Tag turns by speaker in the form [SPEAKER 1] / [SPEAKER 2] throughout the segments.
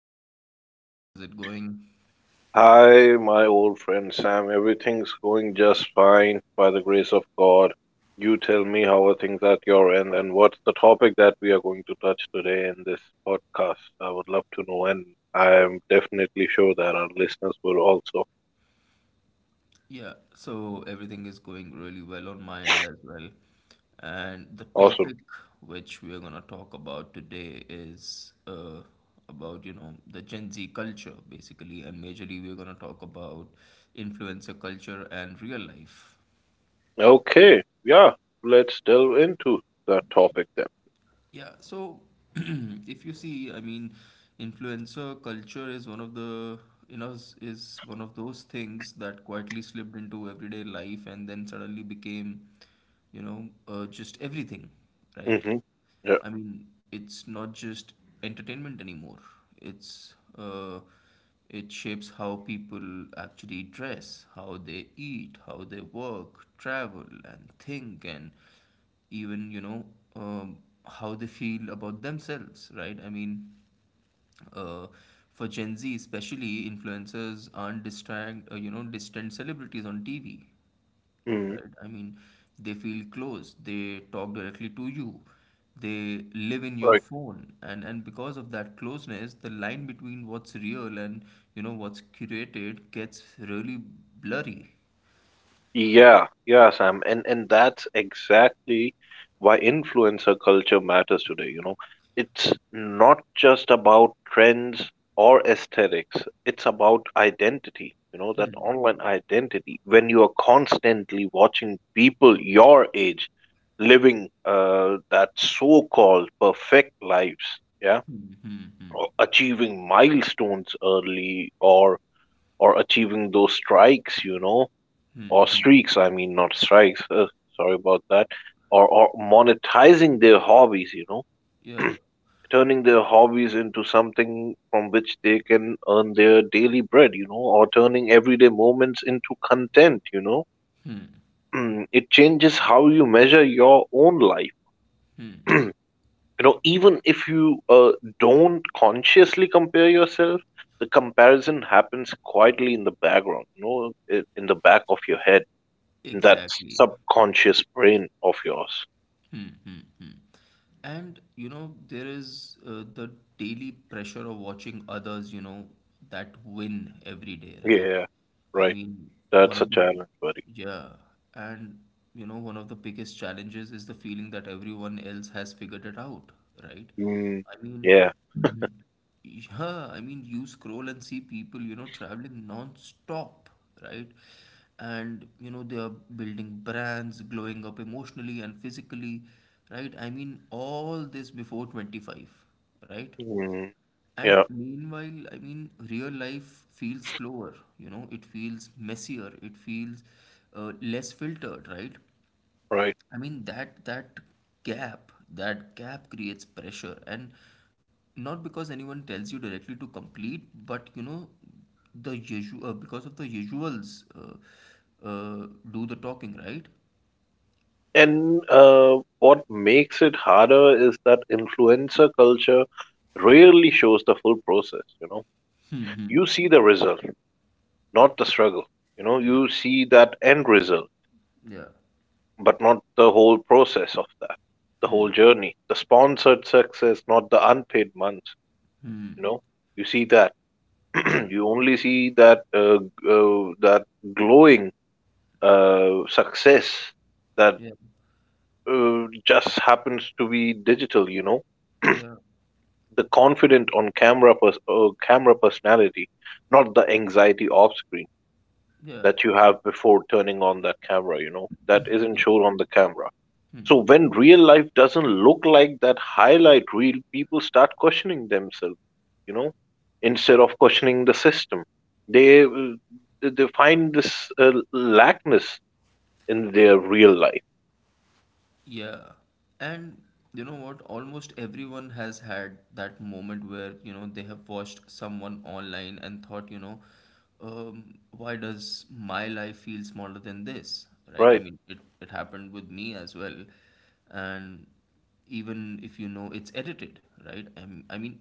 [SPEAKER 1] episode. How's it going?
[SPEAKER 2] Hi, my old friend Sam. Everything's going just fine by the grace of God. You tell me how are things at your end and what's the topic that we are going to touch today in this podcast. I would love to know, and I am definitely sure that our listeners will also.
[SPEAKER 1] Yeah, so everything is going really well on my end as well. And the
[SPEAKER 2] Awesome.
[SPEAKER 1] topic which we're gonna talk about today is about, the Gen Z culture basically, and majorly we're gonna talk about influencer culture and real life.
[SPEAKER 2] Okay, yeah, let's delve into that topic then.
[SPEAKER 1] Yeah, so if you see, I mean, influencer culture is one of the, is one of those things that quietly slipped into everyday life and then suddenly became, just everything, right?
[SPEAKER 2] Mm-hmm. Yeah.
[SPEAKER 1] I mean, it's not just entertainment anymore. It's it shapes how people actually dress, how they eat, how they work, travel, and think, and even um, how they feel about themselves, right? I mean, uh, for Gen Z especially, influencers aren't distract distant celebrities on TV,
[SPEAKER 2] Mm-hmm.
[SPEAKER 1] right? I mean, they feel close, they talk directly to you, they live in your phone, and because of that closeness, the line between what's real and what's curated gets really blurry.
[SPEAKER 2] Yeah, yeah, Sam. And that's exactly why influencer culture matters today, you know. It's not just about trends or aesthetics. It's about identity, you know, that
[SPEAKER 1] Hmm.
[SPEAKER 2] online identity. When you are constantly watching people your age living that so-called perfect lives, yeah,
[SPEAKER 1] Hmm, hmm, hmm,
[SPEAKER 2] or achieving milestones early or achieving those strikes, you know, or
[SPEAKER 1] hmm, hmm.
[SPEAKER 2] streaks. I mean, not strikes, sorry about that. Or monetizing their hobbies, you know,
[SPEAKER 1] Yeah,
[SPEAKER 2] turning their hobbies into something from which they can earn their daily bread, you know, or turning everyday moments into content, you know. Mm, it changes how you measure your own life. You know, even if you don't consciously compare yourself, the comparison happens quietly in the background, you know, in the back of your head, in that
[SPEAKER 1] exactly.
[SPEAKER 2] subconscious brain of yours.
[SPEAKER 1] Hmm, hmm, hmm. And there is the daily pressure of watching others, that win every day, right?
[SPEAKER 2] Yeah,
[SPEAKER 1] I
[SPEAKER 2] right.
[SPEAKER 1] mean, one
[SPEAKER 2] That's a
[SPEAKER 1] of the,
[SPEAKER 2] challenge, buddy.
[SPEAKER 1] yeah, and one of the biggest challenges is the feeling that everyone else has figured it out, right?
[SPEAKER 2] Mm,
[SPEAKER 1] I mean,
[SPEAKER 2] yeah.
[SPEAKER 1] Mhm. Yeah, I mean, you scroll and see people, traveling non-stop, right? And they are building brands, glowing up emotionally and physically, right? I mean, all this before 25, right?
[SPEAKER 2] Mm,
[SPEAKER 1] And
[SPEAKER 2] yeah,
[SPEAKER 1] meanwhile, I mean, real life feels slower, it feels messier, it feels less filtered, right?
[SPEAKER 2] right.
[SPEAKER 1] I mean, that gap, that gap creates pressure, and not because anyone tells you directly to complete, but the usual, because of the usuals, do the talking, right?
[SPEAKER 2] And what makes it harder is that influencer culture rarely shows the full process, you know. You see the result, not the struggle. You know,
[SPEAKER 1] Yeah,
[SPEAKER 2] you see that end result,
[SPEAKER 1] yeah,
[SPEAKER 2] but not the whole process of that, the whole journey, the sponsored success, not the unpaid months, you know. You see that.
[SPEAKER 1] yeah,
[SPEAKER 2] You only see that that glowing success that
[SPEAKER 1] yeah,
[SPEAKER 2] just happens to be digital. You know,
[SPEAKER 1] yeah,
[SPEAKER 2] the confident on camera camera personality, not the anxiety off screen
[SPEAKER 1] yeah,
[SPEAKER 2] that you have before turning on that camera. You know, that isn't
[SPEAKER 1] yeah.
[SPEAKER 2] shown on the camera. So when real life doesn't look like that highlight reel, people start questioning themselves, you know, instead of questioning the system. They uh, they find this lackness in their real life.
[SPEAKER 1] Yeah. And you know what? Almost everyone has had that moment where, they have watched someone online and thought, why does my life feel smaller than this? Right? I
[SPEAKER 2] Right,
[SPEAKER 1] mean, it happened with me as well. And even if you know it's edited, right? I mean,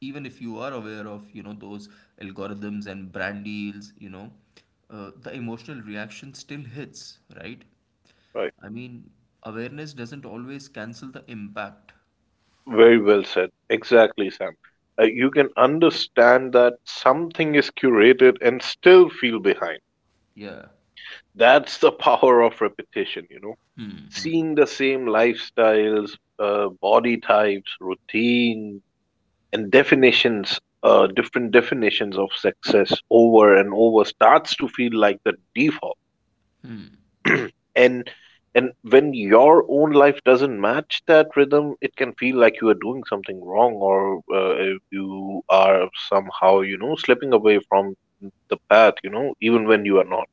[SPEAKER 1] even if you are aware of, those algorithms and brand deals, the emotional reaction still hits, right?
[SPEAKER 2] right.
[SPEAKER 1] I mean, awareness doesn't always cancel the impact.
[SPEAKER 2] Very well said. Exactly, Sam. You can understand that something is curated and still feel behind.
[SPEAKER 1] Yeah.
[SPEAKER 2] That's the power of repetition, you know.
[SPEAKER 1] Hmm, hmm.
[SPEAKER 2] Seeing the same lifestyles, body types, routines and definitions, different definitions of success over and over starts to feel like the default. And and when your own life doesn't match that rhythm, it can feel like you are doing something wrong, or you are somehow, you know, slipping away from the path, you know, even when you are not.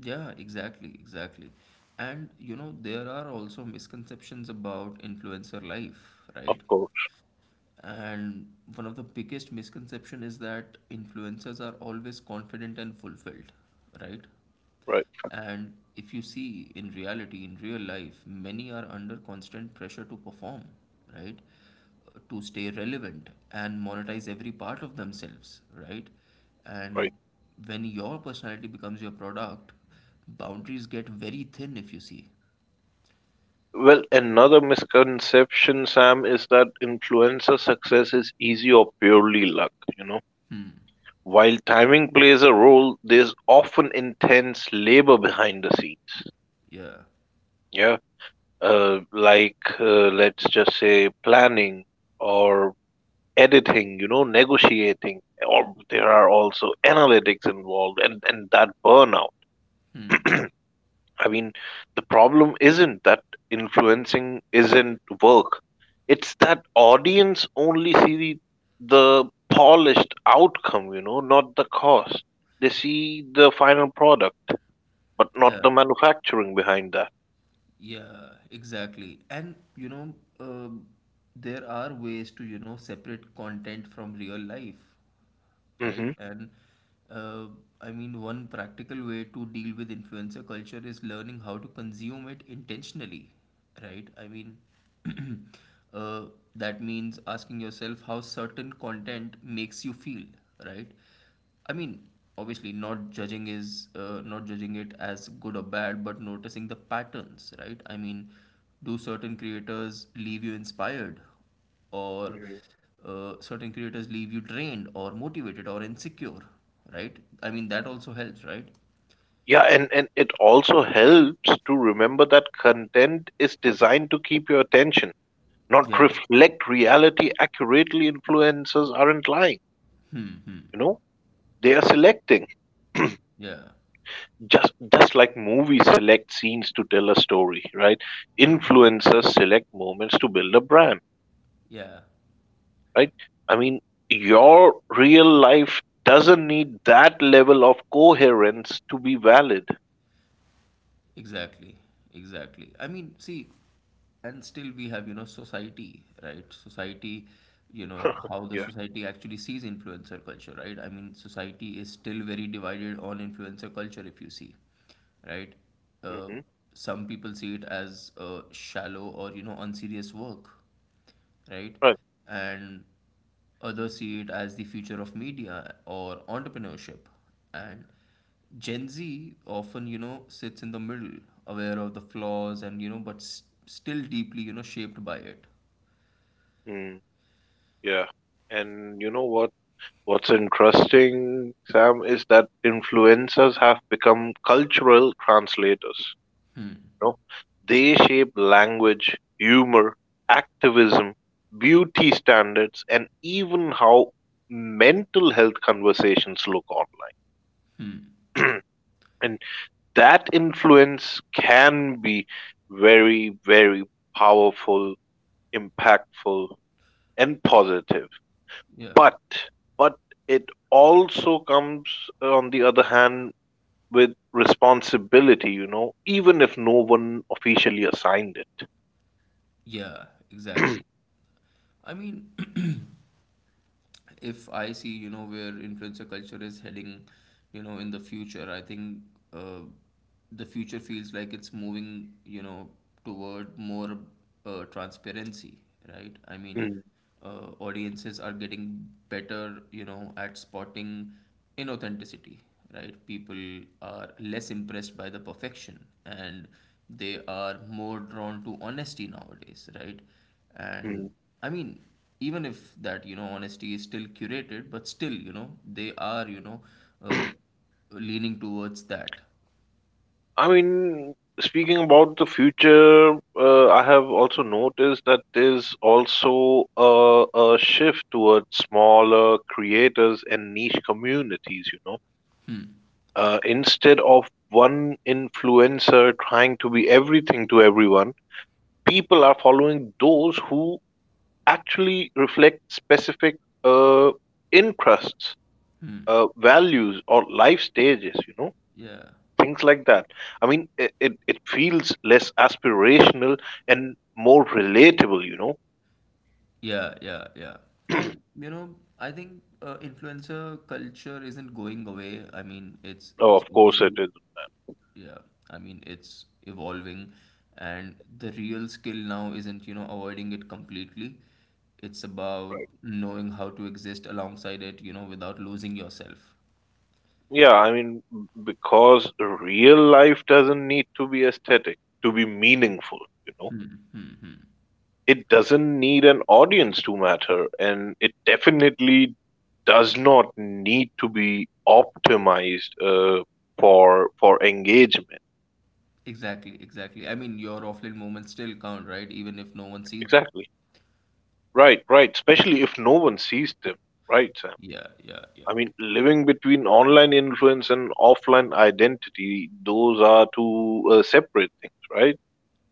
[SPEAKER 1] Yeah, exactly, exactly. And there are also misconceptions about influencer life,
[SPEAKER 2] Of
[SPEAKER 1] right?
[SPEAKER 2] course.
[SPEAKER 1] And one of the biggest misconception is that influencers are always confident and fulfilled, right?
[SPEAKER 2] Right,
[SPEAKER 1] And if you see, in reality, in real life, many are under constant pressure to perform, right? To stay relevant and monetize every part of themselves, right? And
[SPEAKER 2] right.
[SPEAKER 1] when your personality becomes your product, boundaries get very thin, if you see.
[SPEAKER 2] Well, another misconception, Sam, is that influencer success is easy or purely luck, you know.
[SPEAKER 1] Hmm.
[SPEAKER 2] While timing plays a role, there's often intense labor behind the scenes.
[SPEAKER 1] Yeah.
[SPEAKER 2] Yeah, like let's just say planning or editing, you know, negotiating, or there are also analytics involved, and that burnout.
[SPEAKER 1] Hmm.
[SPEAKER 2] I mean, the problem isn't that influencing isn't work; it's that audience only see the polished outcome, you know, not the cost. They see the final product but not
[SPEAKER 1] Yeah.
[SPEAKER 2] the manufacturing behind that.
[SPEAKER 1] Yeah, exactly. And um there are ways to, separate content from real life, right?
[SPEAKER 2] Hmm.
[SPEAKER 1] And uh, I mean, one practical way to deal with influencer culture is learning how to consume it intentionally, right? I mean, uh, that means asking yourself how certain content makes you feel, right? I mean, obviously, not judging it as good or bad, but noticing the patterns, right? I mean, do certain creators leave you inspired, or
[SPEAKER 2] Mhm.
[SPEAKER 1] certain creators leave you drained or motivated or insecure, right? I mean, that also helps, right?
[SPEAKER 2] Yeah, and it also helps to remember that content is designed to keep your attention, not
[SPEAKER 1] Yeah.
[SPEAKER 2] reflect reality accurately. Influencers aren't lying,
[SPEAKER 1] Hmm, hmm.
[SPEAKER 2] you know, they are selecting.
[SPEAKER 1] Yeah.
[SPEAKER 2] Just like movies select scenes to tell a story, right?
[SPEAKER 1] Hmm.
[SPEAKER 2] Influencers select moments to build a brand,
[SPEAKER 1] Yeah.
[SPEAKER 2] right? I mean, your real life doesn't need that level of coherence to be valid.
[SPEAKER 1] Exactly. Exactly. I mean, see, and still we have, society, right? Society, how the
[SPEAKER 2] Yeah.
[SPEAKER 1] society actually sees influencer culture, right? I mean, society is still very divided on influencer culture, if you see, right? Uh,
[SPEAKER 2] Hmm.
[SPEAKER 1] some people see it as shallow or, unserious work, right?
[SPEAKER 2] Right.
[SPEAKER 1] And others see it as the future of media or entrepreneurship. And Gen Z often, sits in the middle, aware of the flaws, and, but still deeply, shaped by it.
[SPEAKER 2] Mm, yeah. And you know what? What's interesting, Sam, is that influencers have become cultural translators.
[SPEAKER 1] Hmm.
[SPEAKER 2] You know, they shape language, humor, activism, beauty standards, and even how mental health conversations look online.
[SPEAKER 1] Hmm.
[SPEAKER 2] And that influence can be very, very powerful, impactful, and positive.
[SPEAKER 1] Yeah.
[SPEAKER 2] But but it also comes, on the other hand, with responsibility, you know, even if no one officially assigned it.
[SPEAKER 1] Yeah, exactly. I mean, if I see, where influencer culture is heading, in the future, I think uh, the future feels like it's moving, toward more transparency, right? I mean,
[SPEAKER 2] Mm,
[SPEAKER 1] audiences are getting better, at spotting inauthenticity, right? People are less impressed by the perfection, and they are more drawn to honesty nowadays, right?
[SPEAKER 2] mm.
[SPEAKER 1] And I mean, even if that, honesty is still curated, but still, they are, uh, leaning towards that.
[SPEAKER 2] I mean, speaking about the future, I have also noticed that there's also a shift towards smaller creators and niche communities, you know. Instead of one influencer trying to be everything to everyone, people are following those who actually reflect specific uh, interests,
[SPEAKER 1] Hmm.
[SPEAKER 2] values, or life stages, you know,
[SPEAKER 1] Yeah,
[SPEAKER 2] things like that. I mean, it feels less aspirational and more relatable, you know?
[SPEAKER 1] yeah, yeah, yeah. And I think influencer culture isn't going away. I mean, it's
[SPEAKER 2] Oh, of
[SPEAKER 1] it's
[SPEAKER 2] course it
[SPEAKER 1] obviously,
[SPEAKER 2] is.
[SPEAKER 1] yeah, I mean, it's evolving. And the real skill now isn't, avoiding it completely, it's about
[SPEAKER 2] Right.
[SPEAKER 1] knowing how to exist alongside it, without losing yourself.
[SPEAKER 2] Yeah, I mean, because real life doesn't need to be aesthetic to be meaningful, you know?
[SPEAKER 1] Mm-hmm.
[SPEAKER 2] It doesn't need an audience to matter, and it definitely does not need to be optimized, for engagement.
[SPEAKER 1] Exactly, exactly. I mean, your offline moments still count, right? Even if no one sees them.
[SPEAKER 2] Exactly. Right, right. Especially if no one sees them. Right, Sam.
[SPEAKER 1] Yeah, yeah, yeah.
[SPEAKER 2] I mean, living between online influence and offline identity, those are two separate things, right?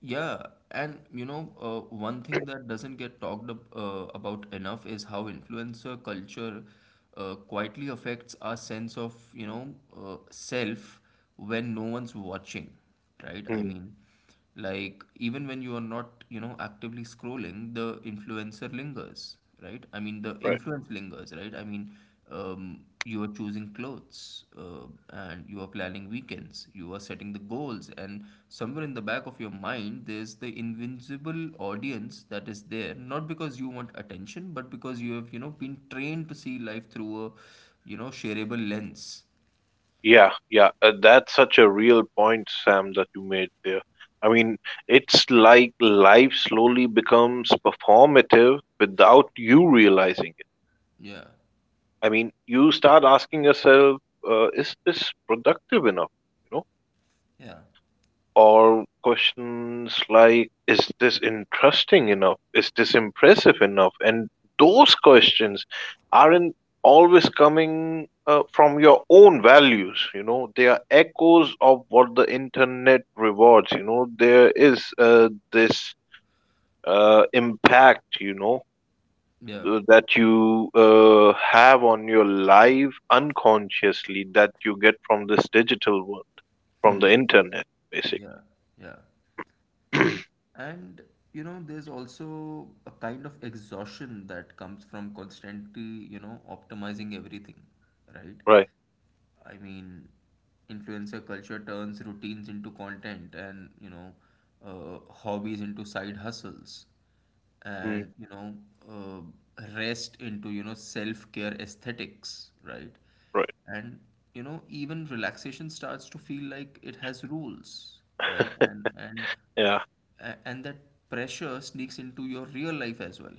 [SPEAKER 1] Yeah, and one thing that doesn't get talked ab about enough is how influencer culture quietly affects our sense of, self when no one's watching, right? I
[SPEAKER 2] Mm,
[SPEAKER 1] mean, like even when you are not, actively scrolling, the influencer lingers, right? I mean, the
[SPEAKER 2] right.
[SPEAKER 1] influence lingers, right? I mean, you are choosing clothes, and you are planning weekends, you are setting the goals, and somewhere in the back of your mind there's the invincible audience that is there, not because you want attention, but because you have, been trained to see life through a, shareable lens.
[SPEAKER 2] Yeah, yeah. That's such a real point, Sam, that you made there. I mean, it's like life slowly becomes performative without you realizing it.
[SPEAKER 1] Yeah,
[SPEAKER 2] I mean, you start asking yourself, is this productive enough? You know?
[SPEAKER 1] yeah,
[SPEAKER 2] Or questions like, is this interesting enough, is this impressive enough? And those questions aren't always coming, from your own values, you know, they are echoes of what the internet rewards, you know. There is, this impact, you know,
[SPEAKER 1] yeah,
[SPEAKER 2] that you have on your life unconsciously that you get from this digital world, from the internet
[SPEAKER 1] yeah,
[SPEAKER 2] basically.
[SPEAKER 1] yeah. And there's also a kind of exhaustion that comes from constantly, optimizing everything, right?
[SPEAKER 2] Right.
[SPEAKER 1] I mean, influencer culture turns routines into content, and, hobbies into side hustles,
[SPEAKER 2] Hmm.
[SPEAKER 1] and, uh, rest into, self-care aesthetics, right?
[SPEAKER 2] Right.
[SPEAKER 1] And, even relaxation starts to feel like it has rules, right? And and
[SPEAKER 2] Yeah.
[SPEAKER 1] a- and that pressure sneaks into your real life as well.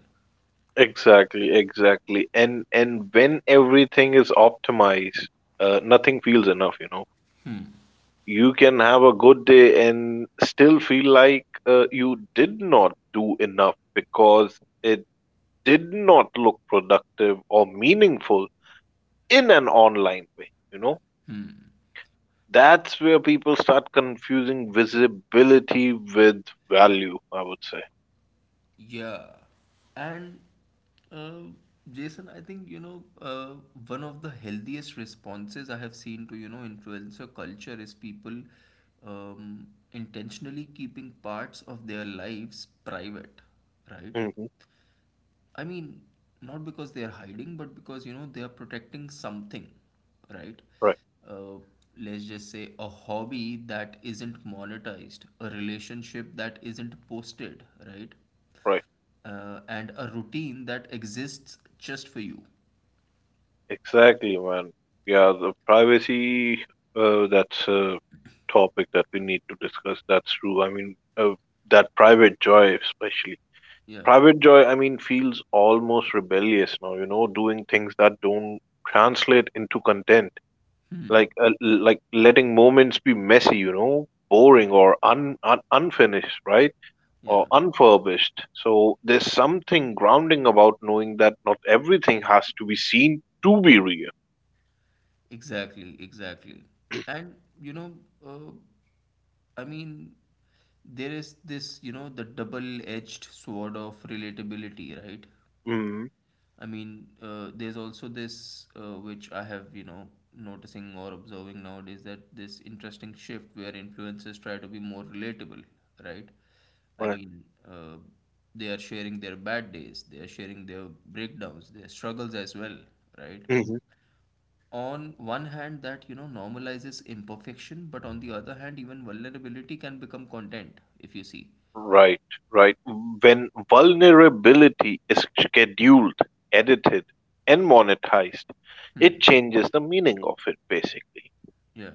[SPEAKER 2] Exactly. Exactly. And when everything is optimized, nothing feels enough. You know, you can have a good day and still feel like you did not do enough because it did not look productive or meaningful in an online way. You know,
[SPEAKER 1] Hmm.
[SPEAKER 2] that's where people start confusing visibility with value, I would say.
[SPEAKER 1] Yeah, and uh, Jason, I think, one of the healthiest responses I have seen to, influencer culture is people intentionally keeping parts of their lives private, right?
[SPEAKER 2] Hmm.
[SPEAKER 1] I mean, not because they are hiding, but because, they are protecting something, right?
[SPEAKER 2] Right.
[SPEAKER 1] Uh, let's just say a hobby that isn't monetized, a relationship that isn't posted, right?
[SPEAKER 2] Right.
[SPEAKER 1] And a routine that exists just for you.
[SPEAKER 2] Exactly, man. Yeah, the privacy, that's a topic that we need to discuss. That's true. I mean, that private joy, especially.
[SPEAKER 1] Yeah,
[SPEAKER 2] Private joy, I mean, feels almost rebellious now, you know, doing things that don't translate into content. Like, uh, like letting moments be messy, you know, boring or un, un unfinished, right? Or
[SPEAKER 1] yeah,
[SPEAKER 2] unfurbished. So there's something grounding about knowing that not everything has to be seen to be real.
[SPEAKER 1] exactly, exactly. And, you know, uh, I mean, there is this, the double-edged sword of relatability, right?
[SPEAKER 2] Mhm.
[SPEAKER 1] I mean, there's also this, which I have, noticing or observing nowadays, that this interesting shift where influencers try to be more relatable, right? I
[SPEAKER 2] Right.
[SPEAKER 1] mean, they are sharing their bad days, they are sharing their breakdowns, their struggles as well, right?
[SPEAKER 2] Hmm.
[SPEAKER 1] On one hand, that, normalizes imperfection, but on the other hand, even vulnerability can become content, if you see.
[SPEAKER 2] Right, right. When vulnerability is scheduled, edited, and monetized, it
[SPEAKER 1] Hmm.
[SPEAKER 2] changes the meaning of it basically.
[SPEAKER 1] Yeah.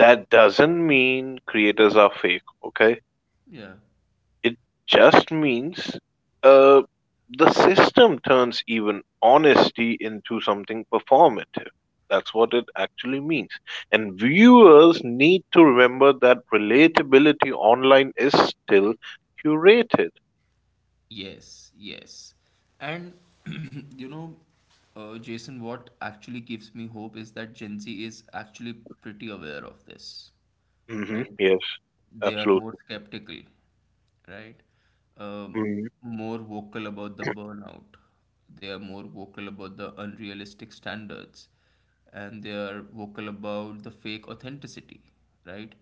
[SPEAKER 2] That doesn't mean creators are fake, okay?
[SPEAKER 1] Yeah.
[SPEAKER 2] It just means, uh, the system turns even honesty into something performative. That's what it actually means. And viewers need to remember that relatability online is still curated.
[SPEAKER 1] Yes, yes. And you know, Jason, what actually gives me hope is that Gen Z is actually pretty aware of this,
[SPEAKER 2] Mhm.
[SPEAKER 1] right?
[SPEAKER 2] Yes,
[SPEAKER 1] They are more
[SPEAKER 2] absolutely.
[SPEAKER 1] skeptical, right? Um,
[SPEAKER 2] Mhm.
[SPEAKER 1] More vocal about the burnout. They are more vocal about the unrealistic standards, and they are vocal about the fake authenticity, right?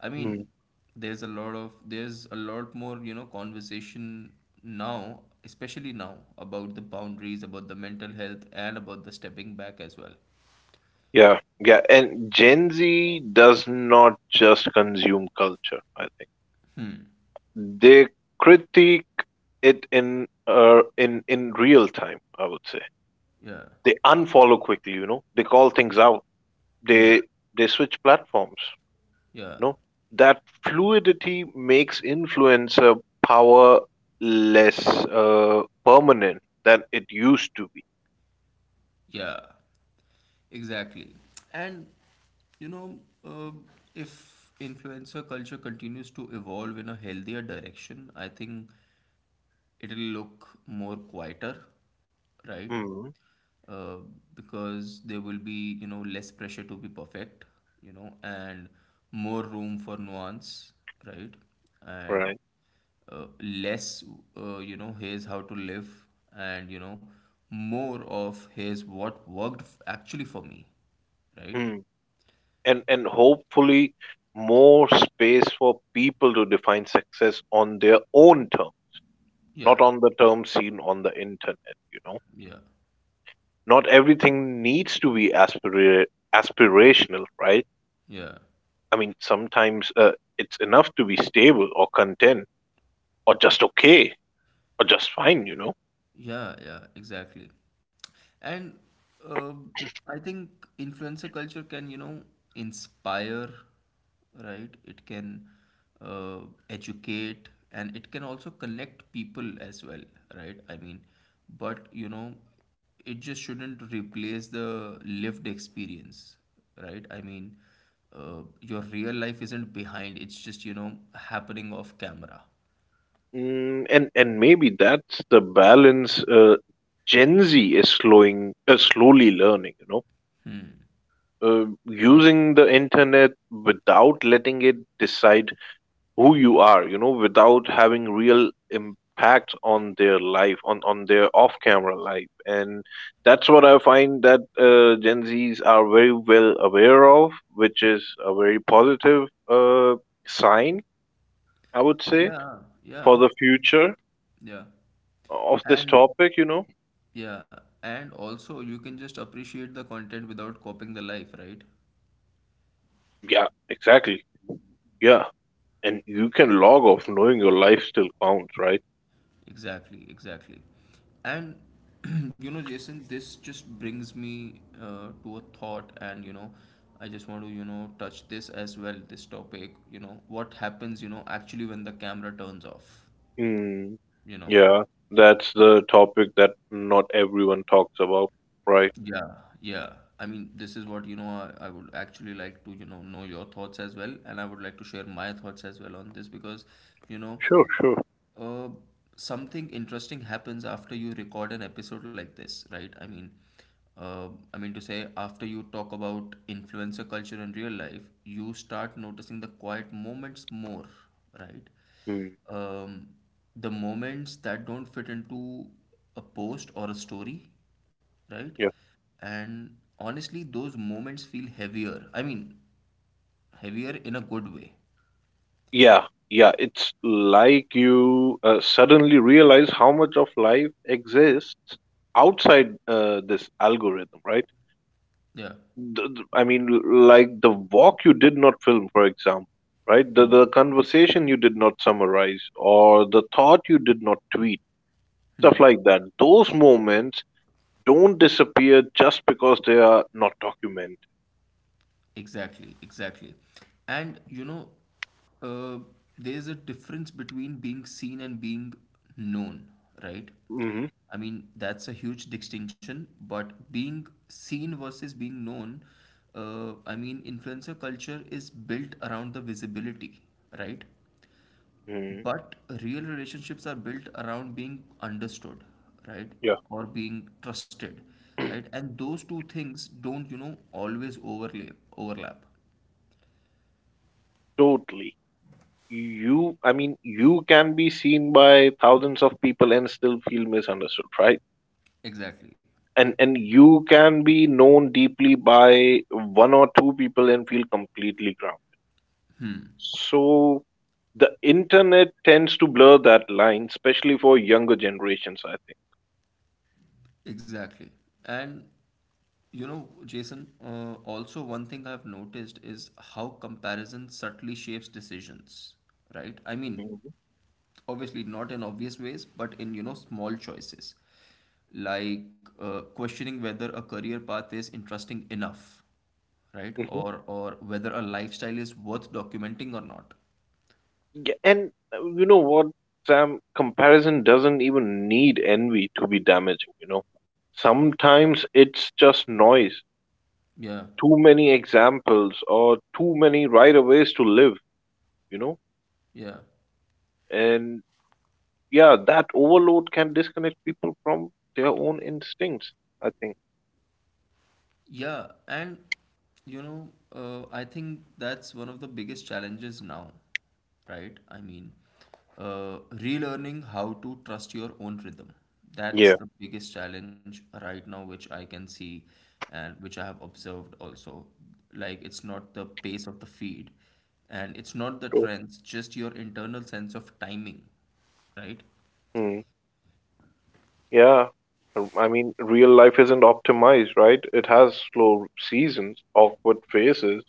[SPEAKER 1] I
[SPEAKER 2] Mhm.
[SPEAKER 1] mean, there's a lot more, conversation now, especially now about the boundaries, about the mental health, and about the stepping back as well.
[SPEAKER 2] Yeah, yeah, and Gen Z does not just consume culture, I think. They critique it in, real time, I would say.
[SPEAKER 1] Yeah,
[SPEAKER 2] They unfollow quickly, you know. They call things out.
[SPEAKER 1] yeah,
[SPEAKER 2] They they switch platforms,
[SPEAKER 1] yeah.
[SPEAKER 2] you know. That fluidity makes influencer power less permanent than it used to be.
[SPEAKER 1] Yeah, exactly. And, you know, uh, if influencer culture continues to evolve in a healthier direction, I think it'll look more quieter, right?
[SPEAKER 2] Mhm.
[SPEAKER 1] Uh, because there will be, less pressure to be perfect, and more room for nuance, right? And
[SPEAKER 2] Right.
[SPEAKER 1] less, here's how to live, and, more of here's what worked, actually for me, right?
[SPEAKER 2] And hopefully more space for people to define success on their own term, not
[SPEAKER 1] Yeah,
[SPEAKER 2] on the term seen on the internet, you know.
[SPEAKER 1] yeah,
[SPEAKER 2] Not everything needs to be aspirational, right?
[SPEAKER 1] yeah.
[SPEAKER 2] I mean, sometimes it's enough to be stable or content, or just okay, or just fine, you know.
[SPEAKER 1] Yeah, yeah, exactly. And um I think influencer culture can, inspire, right? It can uh, educate, and it can also connect people as well, right? I mean, but, it just shouldn't replace the lived experience, right? I mean, your real life isn't behind, it's just, happening off camera.
[SPEAKER 2] Mm, and maybe that's the balance, Gen Z is slowing slowly learning, you know, using the internet without letting it decide who you are, you know, without having real impact on their life, on their off camera life. And that's what I find, that Gen Z's are very well aware of, which is a very positive sign, I would say,
[SPEAKER 1] Yeah,
[SPEAKER 2] for
[SPEAKER 1] yeah,
[SPEAKER 2] the future
[SPEAKER 1] yeah.
[SPEAKER 2] of this
[SPEAKER 1] And
[SPEAKER 2] topic, you know.
[SPEAKER 1] yeah, and also you can just appreciate the content without copying the life, right?
[SPEAKER 2] Yeah, exactly. Yeah, and you can log off knowing your life still counts, right?
[SPEAKER 1] Exactly, exactly. And Jason, this just brings me to a thought, and, I just want to, touch this as well, this topic, what happens, actually when the camera turns off,
[SPEAKER 2] Hmm.
[SPEAKER 1] you know?
[SPEAKER 2] Yeah, that's the topic that not everyone talks about, right?
[SPEAKER 1] Yeah, yeah. I mean, this is what, I would actually like to, know your thoughts as well. And I would like to share my thoughts as well on this because, you know,
[SPEAKER 2] Sure, sure.
[SPEAKER 1] uh, something interesting happens after you record an episode like this, right? I mean to say, after you talk about influencer culture in real life, you start noticing the quiet moments more, right?
[SPEAKER 2] Mm,
[SPEAKER 1] Um, the moments that don't fit into a post or a story, right?
[SPEAKER 2] yeah.
[SPEAKER 1] And honestly, those moments feel heavier. I mean, heavier in a good way.
[SPEAKER 2] Yeah, yeah. It's like you suddenly realize how much of life exists outside this algorithm, right?
[SPEAKER 1] Yeah.
[SPEAKER 2] I mean, like the walk you did not film, for example, right? The conversation you did not summarize, or the thought you did not tweet, stuff
[SPEAKER 1] Hmm.
[SPEAKER 2] like that. Those moments don't disappear just because they are not documented.
[SPEAKER 1] Exactly, exactly. And you know, uh, there's a difference between being seen and being known, right?
[SPEAKER 2] Mhm,
[SPEAKER 1] I mean, that's a huge distinction, but being seen versus being known, I mean, influencer culture is built around the visibility, right?
[SPEAKER 2] mhm.
[SPEAKER 1] But real relationships are built around being understood, right?
[SPEAKER 2] Yeah,
[SPEAKER 1] Or being trusted, right? And those two things don't, you know, always overlap, overlap.
[SPEAKER 2] totally. You, I mean, you can be seen by thousands of people and still feel misunderstood, right?
[SPEAKER 1] Exactly,
[SPEAKER 2] And you can be known deeply by one or two people and feel completely grounded. So the internet tends to blur that line, especially for younger generations, I think.
[SPEAKER 1] exactly. And you know, Jason, also one thing I've noticed is how comparison subtly shapes decisions, right? I mean, obviously not in obvious ways, but in, you know, small choices, like questioning whether a career path is interesting enough, right?
[SPEAKER 2] Mhm.
[SPEAKER 1] Or whether a lifestyle is worth documenting or not.
[SPEAKER 2] Yeah, and you know what, Sam? Comparison doesn't even need envy to be damaging, you know. Sometimes it's just noise,
[SPEAKER 1] Yeah,
[SPEAKER 2] too many examples, or too many right of ways to live, you know.
[SPEAKER 1] yeah.
[SPEAKER 2] And yeah, that overload can disconnect people from their own instincts, I think.
[SPEAKER 1] Yeah, you know, I think that's one of the biggest challenges now, right? I mean, relearning how to trust your own rhythm. That's
[SPEAKER 2] Yeah.
[SPEAKER 1] the biggest challenge right now, which I can see and which I have observed also. Like, it's not the pace of the feed and it's not the
[SPEAKER 2] True.
[SPEAKER 1] trends, just your internal sense of timing, right?
[SPEAKER 2] Mm, yeah. I mean, real life isn't optimized, right? It has slow seasons, awkward phases,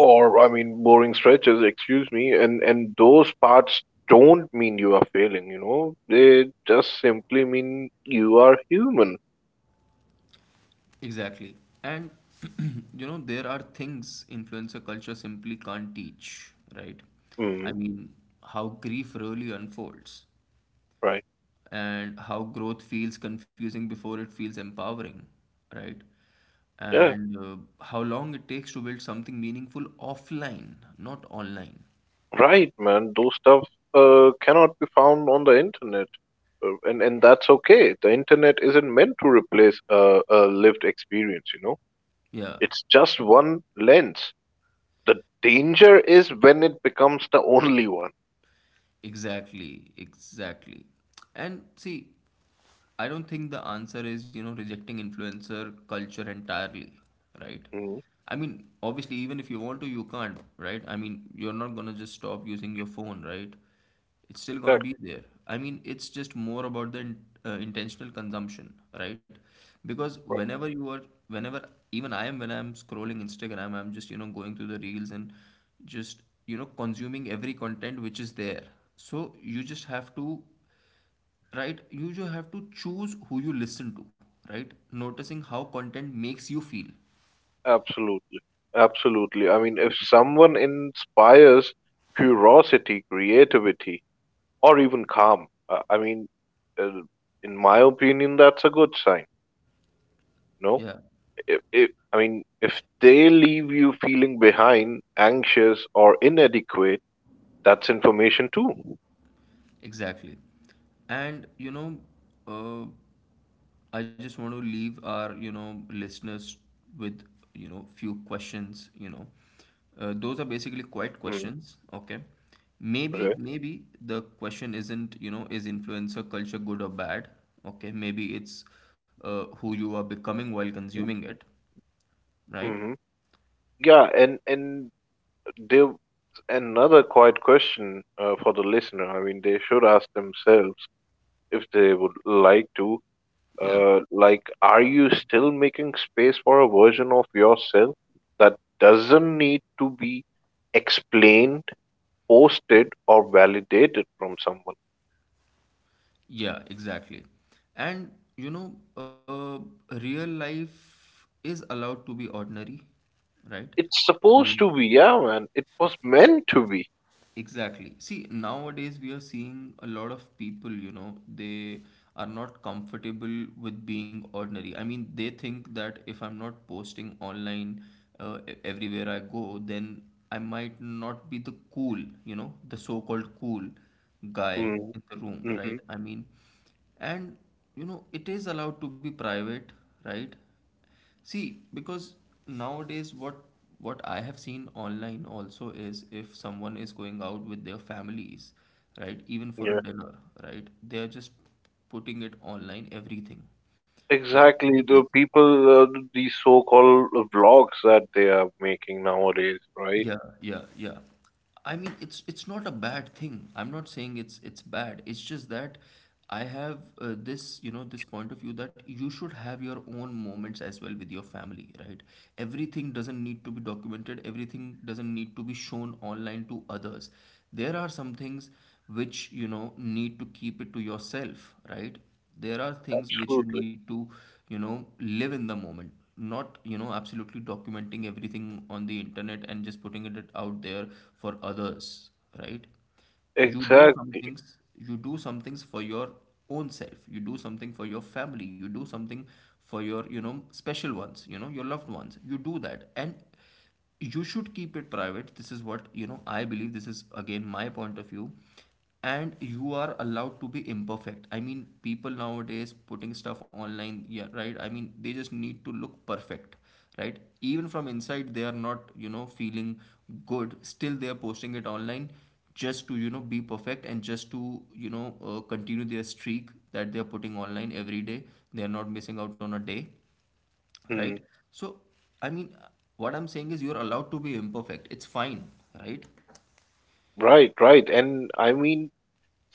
[SPEAKER 2] or I mean boring stretches, excuse me, and those parts don't mean you are failing, you know. They just simply mean you are human.
[SPEAKER 1] Exactly. And you know, there are things influencer culture simply can't teach, right? I
[SPEAKER 2] Mm,
[SPEAKER 1] mean, how grief really unfolds
[SPEAKER 2] right.
[SPEAKER 1] and how growth feels confusing before it feels empowering, right?
[SPEAKER 2] Yeah.
[SPEAKER 1] And how long it takes to build something meaningful offline, not online.
[SPEAKER 2] Right, man. Those stuff cannot be found on the internet. And that's okay. The internet isn't meant to replace a lived experience, you know.
[SPEAKER 1] Yeah.
[SPEAKER 2] It's just one lens. The danger is when it becomes the only one.
[SPEAKER 1] Exactly, exactly. And see, I don't think the answer is, you know, rejecting influencer culture entirely, right?
[SPEAKER 2] Mm,
[SPEAKER 1] I mean, obviously, even if you want to, you can't, right? I mean, you're not gonna just stop using your phone, right? It's still gonna
[SPEAKER 2] exactly.
[SPEAKER 1] be there. I mean, it's just more about the intentional consumption, right? Because whenever even I am, when I'm scrolling Instagram, I'm just you know going through the reels and just you know consuming every content which is there. So you just have to, right? You just have to choose who you listen to, right? Noticing how content makes you feel.
[SPEAKER 2] Absolutely. Absolutely. I mean, if someone inspires curiosity, creativity, or even calm, I mean, uh, in my opinion, that's a good sign. No,
[SPEAKER 1] Yeah,
[SPEAKER 2] if, I mean, if they leave you feeling behind, anxious, or inadequate, that's information too.
[SPEAKER 1] exactly. And you know, uh, I just want to leave our you know listeners with you know few questions. Those are basically quite
[SPEAKER 2] Mm,
[SPEAKER 1] questions. Okay, maybe
[SPEAKER 2] okay.
[SPEAKER 1] maybe the question isn't you know is influencer culture good or bad? Okay, maybe it's who you are becoming while consuming it, right?
[SPEAKER 2] Hmm. Yeah, and there another quiet question, for the listener. I mean, they should ask themselves if they would like to.
[SPEAKER 1] Yeah,
[SPEAKER 2] Like, are you still making space for a version of yourself that doesn't need to be explained, posted, or validated from someone?
[SPEAKER 1] yeah, exactly. And you know, uh, Real life is allowed to be ordinary, right?
[SPEAKER 2] It's
[SPEAKER 1] I
[SPEAKER 2] supposed
[SPEAKER 1] mean,
[SPEAKER 2] to be, yeah, man. It was meant to be.
[SPEAKER 1] exactly. See, nowadays we are seeing a lot of people, you know, they are not comfortable with being ordinary. I mean, they think that if I'm not posting online everywhere I go, then I might not be the cool, you know, the so-called cool guy
[SPEAKER 2] Mm,
[SPEAKER 1] in the room,
[SPEAKER 2] hmm.
[SPEAKER 1] right? I mean, and you know, it is allowed to be private, right? See, because nowadays what I have seen online also is if someone is going out with their families, right, even for
[SPEAKER 2] Yeah,
[SPEAKER 1] a dinner, right, they are just putting it online everything, right? Which
[SPEAKER 2] exactly.
[SPEAKER 1] is
[SPEAKER 2] The people, these so-called vlogs that they are making nowadays, right?
[SPEAKER 1] yeah, yeah, yeah. I mean, it's not a bad thing. I'm not saying it's bad. It's just that I have this, you know, this point of view that you should have your own moments as well with your family, right? Everything doesn't need to be documented. Everything doesn't need to be shown online to others. There are some things which, you know, need to keep it to yourself, right? There are things which you
[SPEAKER 2] Absolutely.
[SPEAKER 1] need to you know live in the moment, not you know absolutely documenting everything on the internet and just putting it out there for others, right? You do some
[SPEAKER 2] Exactly.
[SPEAKER 1] things, you do some things for your own self, you do something for your family, you do something for your you know special ones, you know, your loved ones, you do that and you should keep it private. This is what you know I believe, this is again my point of view. And you are allowed to be imperfect. I mean, people nowadays putting stuff online, yeah, right? I mean, they just need to look perfect, right? Even from inside they are not you know feeling good, still they are posting it online just to you know be perfect and just to you know continue their streak that they are putting online every day, they are not missing out on a day, right?
[SPEAKER 2] Mm,
[SPEAKER 1] So I mean what I'm saying is you're allowed to be imperfect, it's fine, right?
[SPEAKER 2] right, right. And I mean,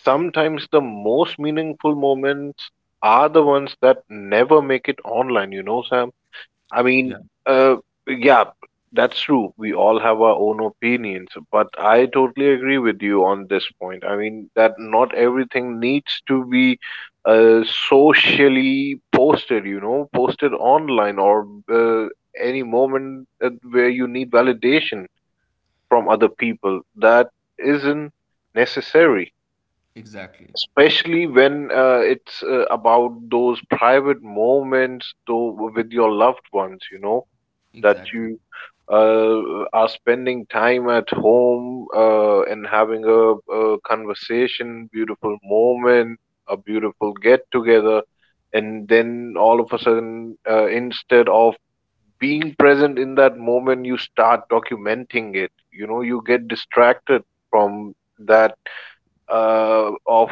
[SPEAKER 2] sometimes the most meaningful moments are the ones that never make it online, you know, Sam? I
[SPEAKER 1] Yeah,
[SPEAKER 2] mean, uh, yeah, that's true. We all have our own opinions, but I totally agree with you on this point. I mean, that not everything needs to be, uh, socially posted, you know, posted online, or uh, any moment that, where you need validation from other people. That isn't necessary,
[SPEAKER 1] exactly,
[SPEAKER 2] especially when it's about those private moments though with your loved ones, you know, that
[SPEAKER 1] exactly.
[SPEAKER 2] you are spending time at home, and having a conversation, beautiful moment, a beautiful get together, and then all of a sudden, instead of being present in that moment, you start documenting it, you know, you get distracted from that, of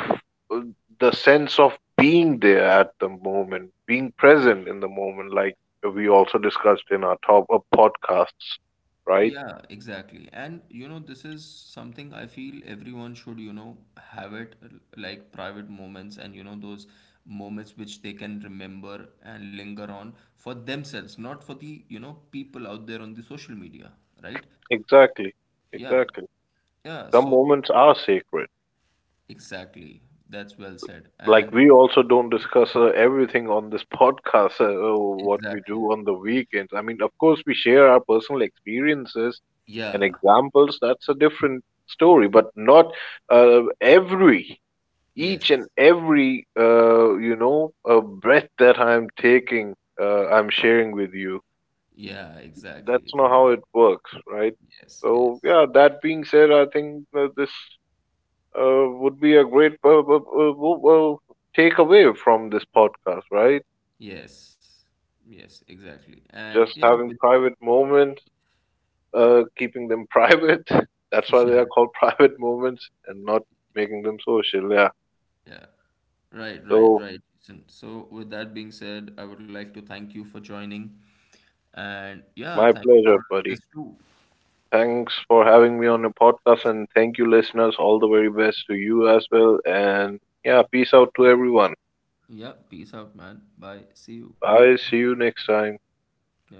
[SPEAKER 2] uh, the sense of being there at the moment, being present in the moment, like we also discussed in our top podcasts, right?
[SPEAKER 1] Yeah, exactly. And you know, this is something I feel everyone should you know have it, like private moments and you know those moments which they can remember and linger on for themselves, not for the you know people out there on the social media, right?
[SPEAKER 2] Exactly,
[SPEAKER 1] Yeah,
[SPEAKER 2] exactly.
[SPEAKER 1] yeah.
[SPEAKER 2] Some
[SPEAKER 1] So
[SPEAKER 2] moments are sacred.
[SPEAKER 1] exactly, that's well said.
[SPEAKER 2] Like
[SPEAKER 1] And
[SPEAKER 2] we also don't discuss everything on this podcast, what we
[SPEAKER 1] exactly,
[SPEAKER 2] do on the weekends. I mean, of course, we share our personal experiences and
[SPEAKER 1] yeah,
[SPEAKER 2] examples. That's a different story, but not, every each and
[SPEAKER 1] yes.
[SPEAKER 2] every, breath that I'm taking, I'm sharing with you.
[SPEAKER 1] Yeah, exactly,
[SPEAKER 2] That's not how
[SPEAKER 1] exactly.
[SPEAKER 2] it works, right?
[SPEAKER 1] Yes,
[SPEAKER 2] So
[SPEAKER 1] yes.
[SPEAKER 2] yeah, that being said, I think this would be a great, takeaway from this podcast, right?
[SPEAKER 1] Yes. Yes, exactly. And
[SPEAKER 2] Just
[SPEAKER 1] yeah, with
[SPEAKER 2] having private moments, keeping them private. That's why they are
[SPEAKER 1] yeah,
[SPEAKER 2] called private moments and not making them social. Yeah.
[SPEAKER 1] yeah. Right, right,
[SPEAKER 2] So
[SPEAKER 1] right, Jason. So with that being said, I would like to thank you for joining. And yeah,
[SPEAKER 2] my
[SPEAKER 1] thank you for
[SPEAKER 2] pleasure,
[SPEAKER 1] our
[SPEAKER 2] buddy.
[SPEAKER 1] listeners too.
[SPEAKER 2] Thanks for having me on the podcast, and thank you, listeners. All the very best to you as well. And yeah, peace out to everyone.
[SPEAKER 1] Yeah, peace out, man. Bye. See you.
[SPEAKER 2] Bye. See you next time.
[SPEAKER 1] Yeah.